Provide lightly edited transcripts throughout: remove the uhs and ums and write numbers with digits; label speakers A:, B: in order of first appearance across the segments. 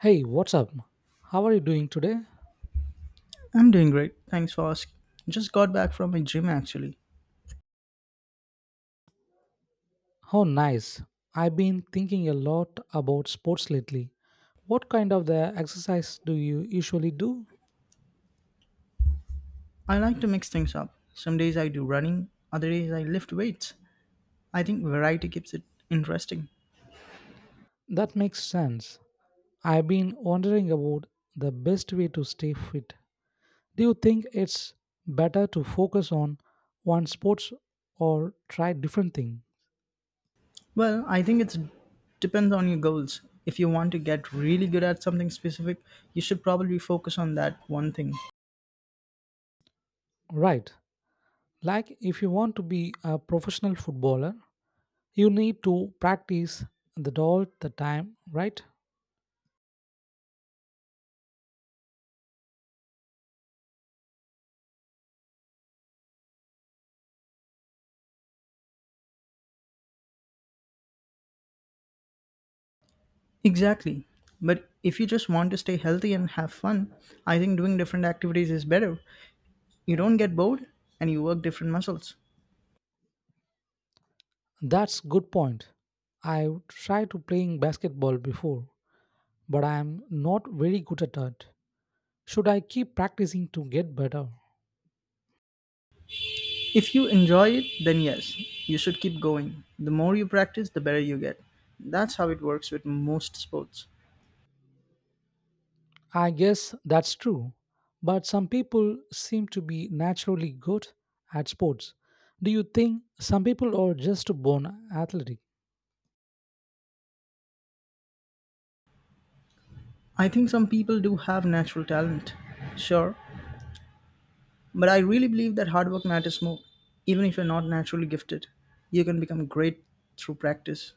A: Hey, what's up? How are you doing today?
B: I'm doing great. Thanks for asking. Just got back from my gym actually.
A: Oh, nice. I've been thinking a lot about sports lately. What kind of the exercise do you usually do?
B: I like to mix things up. Some days I do running, other days I lift weights. I think variety keeps it interesting.
A: That makes sense. I've been wondering about the best way to stay fit. Do you think it's better to focus on one sports or try different thing?
B: Well, I think it depends on your goals. If you want to get really good at something specific, you should probably focus on that one thing.
A: Right. Like if you want to be a professional footballer, you need to practice that all the time, right?
B: Exactly. But if you just want to stay healthy and have fun, I think doing different activities is better. You don't get bored and you work different muscles.
A: That's good point. I tried to playing basketball before, but I am not very good at it. Should I keep practicing to get better?
B: If you enjoy it, then yes, you should keep going. The more you practice, the better you get. That's how it works with most sports.
A: I guess that's true. But some people seem to be naturally good at sports. Do you think some people are just born athletic?
B: I think some people do have natural talent, sure, but I really believe that hard work matters more. Even if you're not naturally gifted, you can become great through practice.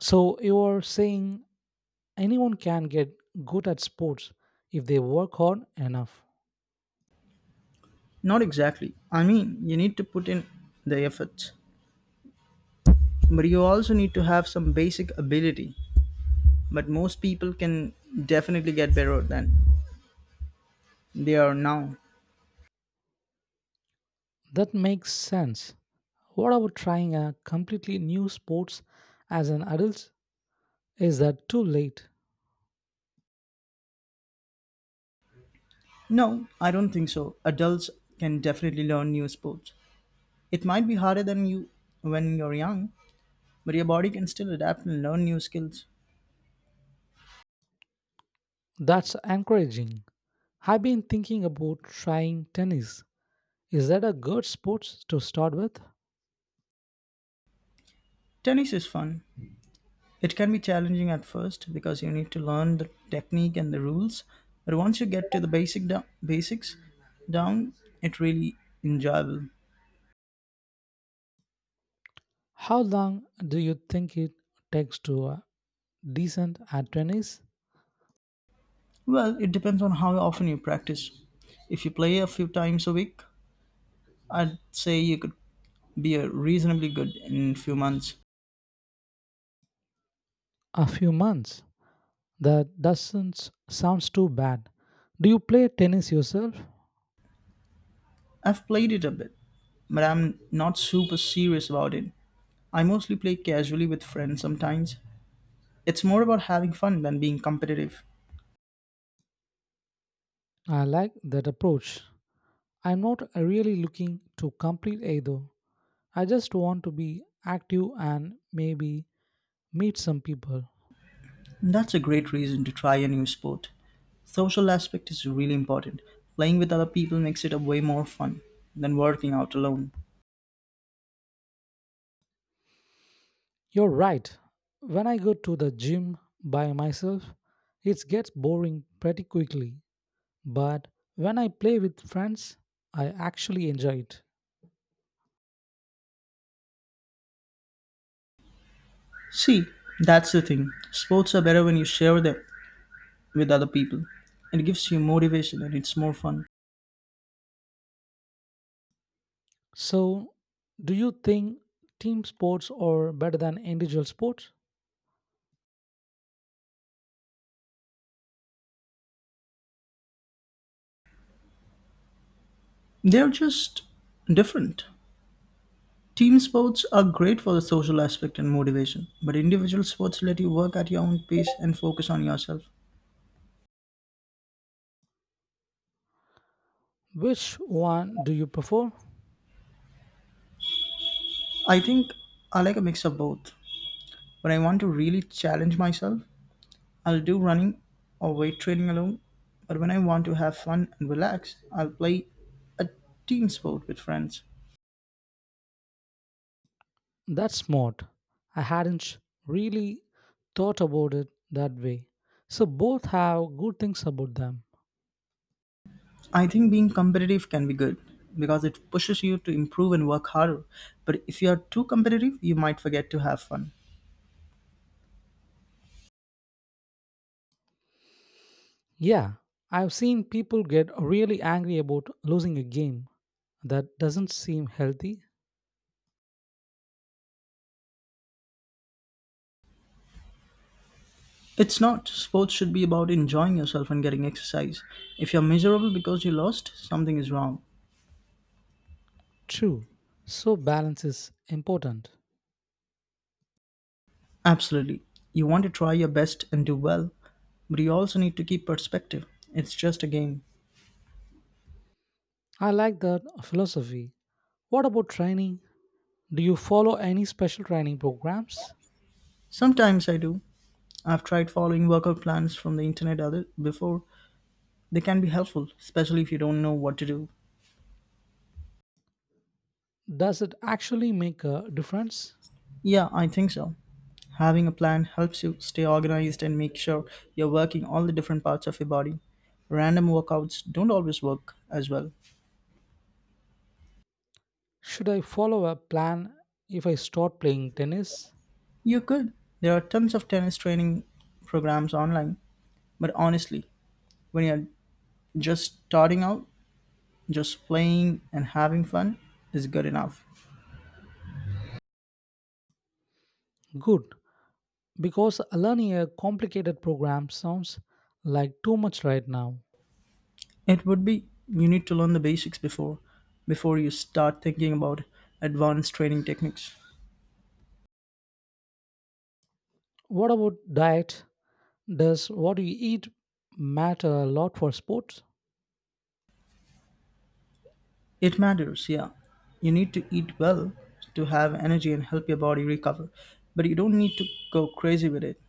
A: So you are saying anyone can get good at sports if they work hard enough.
B: Not exactly. I mean, you need to put in the efforts, but you also need to have some basic ability. But most people can definitely get better than they are now.
A: That makes sense. What about trying a completely new sports as an adult? Is that too late?
B: No, I don't think so. Adults can definitely learn new sports. It might be harder than you when you're young, but your body can still adapt and learn new skills.
A: That's encouraging. I've been thinking about trying tennis. Is that a good sport to start with?
B: Tennis is fun. It can be challenging at first because you need to learn the technique and the rules, but once you get to the basics down, it really enjoyable.
A: How long do you think it takes to decent at tennis?
B: Well, it depends on how often you practice. If you play a few times a week, I'd say you could be a reasonably good in few months.
A: A few months. That doesn't sounds too bad. Do you play tennis yourself?
B: I've played it a bit, but I'm not super serious about it. I mostly play casually with friends sometimes. It's more about having fun than being competitive.
A: I like that approach. I'm not really looking to complete either. I just want to be active and maybe meet some people.
B: That's a great reason to try a new sport. Social aspect is really important. Playing with other people makes it a way more fun than working out alone.
A: You're right. When I go to the gym by myself, it gets boring pretty quickly. But when I play with friends, I actually enjoy it.
B: See, that's the thing. Sports are better when you share them with other people. It gives you motivation and it's more fun.
A: So, do you think team sports are better than individual sports?
B: They're just different. Team sports are great for the social aspect and motivation, but individual sports let you work at your own pace and focus on yourself.
A: Which one do you prefer?
B: I think I like a mix of both. When I want to really challenge myself, I'll do running or weight training alone. But when I want to have fun and relax, I'll play a team sport with friends.
A: That's smart. I hadn't really thought about it that way. So, both have good things about them.
B: I think being competitive can be good because it pushes you to improve and work harder. But if you are too competitive, you might forget to have fun.
A: Yeah, I've seen people get really angry about losing a game that doesn't seem healthy.
B: It's not. Sports should be about enjoying yourself and getting exercise. If you're miserable because you lost, something is wrong.
A: True, so balance is important.
B: Absolutely. You want to try your best and do well, but you also need to keep perspective. It's just a game.
A: I like that philosophy. What about training? Do you follow any special training programs?
B: Sometimes I do. I've tried following workout plans from the internet other before. They can be helpful, especially if you don't know what to do.
A: Does it actually make a difference?
B: Yeah, I think so. Having a plan helps you stay organized and make sure you're working all the different parts of your body. Random workouts don't always work as well.
A: Should I follow a plan if I start playing tennis?
B: You could. There are tons of tennis training programs online, but honestly, when you're just starting out, just playing and having fun is good enough.
A: Good, because learning a complicated program sounds like too much right now.
B: It would be you need to learn the basics before you start thinking about advanced training techniques.
A: What about diet? Does what you eat matter a lot for sports?
B: It matters, yeah. You need to eat well to have energy and help your body recover, but you don't need to go crazy with it.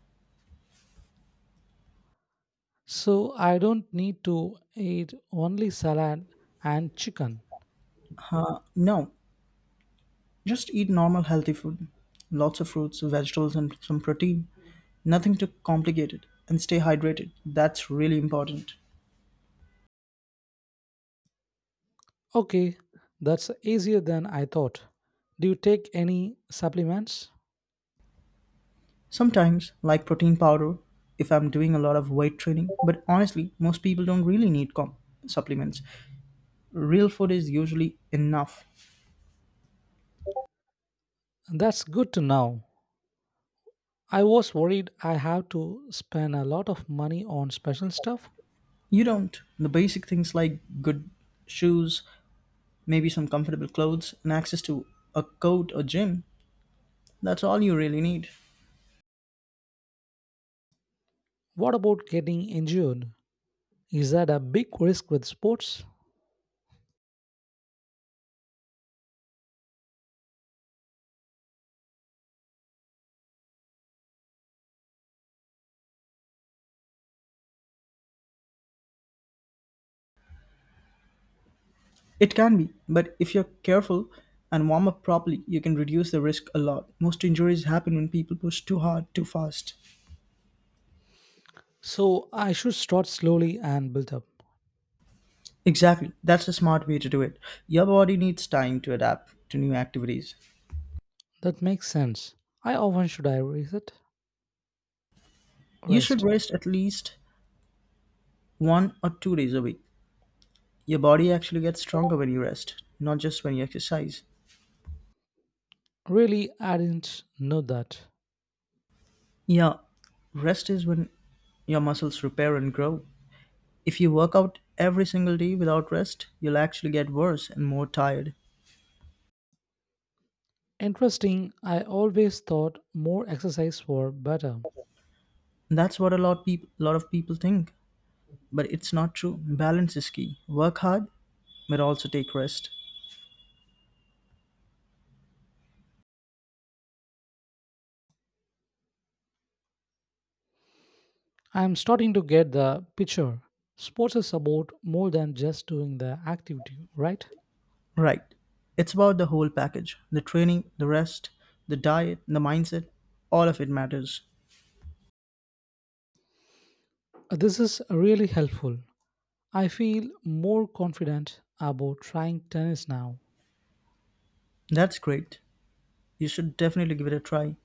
A: So I don't need to eat only salad and chicken.
B: No, just eat normal healthy food, lots of fruits, vegetables, and some protein. Nothing too complicated, and stay hydrated. That's really important.
A: Okay, that's easier than I thought. Do you take any supplements?
B: Sometimes, like protein powder, if I'm doing a lot of weight training, but honestly, most people don't really supplements. Real food is usually enough.
A: That's good to know. I was worried I have to spend a lot of money on special stuff.
B: You don't. The basic things like good shoes, maybe some comfortable clothes, and access to a coat or gym, that's all you really need.
A: What about getting injured? Is that a big risk with sports?
B: It can be, but if you're careful and warm up properly, you can reduce the risk a lot. Most injuries happen when people push too hard, too fast.
A: So I should start slowly and build up.
B: Exactly, that's a smart way to do it. Your body needs time to adapt to new activities.
A: That makes sense. I often should I reset?
B: You should
A: Rest.
B: rest at least 1 or 2 days a week. Your body actually gets stronger when you rest, not just when you exercise.
A: Really, I didn't know that.
B: Yeah, rest is when your muscles repair and grow. If you work out every single day without rest, you'll actually get worse and more tired.
A: Interesting, I always thought more exercise were better.
B: That's what a lot people lot of people think, but it's not true. Balance is key. Work hard, but also take rest.
A: I'm starting to get the picture. Sports is about more than just doing the activity, right?
B: Right. It's about the whole package. The training, the rest, the diet, the mindset, all of it matters.
A: This is really helpful. I feel more confident about trying tennis now.
B: That's great. You should definitely give it a try.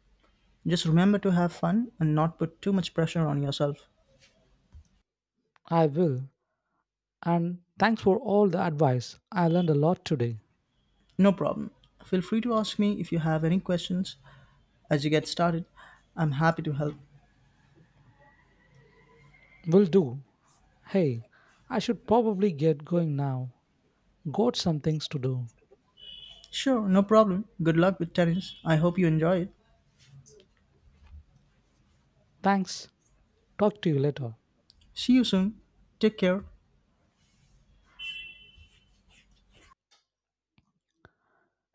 B: Just remember to have fun and not put too much pressure on yourself.
A: I will. And thanks for all the advice. I learned a lot today.
B: No problem. Feel free to ask me if you have any questions as you get started. I'm happy to help.
A: Will do. Hey, I should probably get going now. Got some things to do.
B: Sure, no problem. Good luck with tennis. I hope you enjoy it.
A: Thanks. Talk to you later.
B: See you soon. Take care.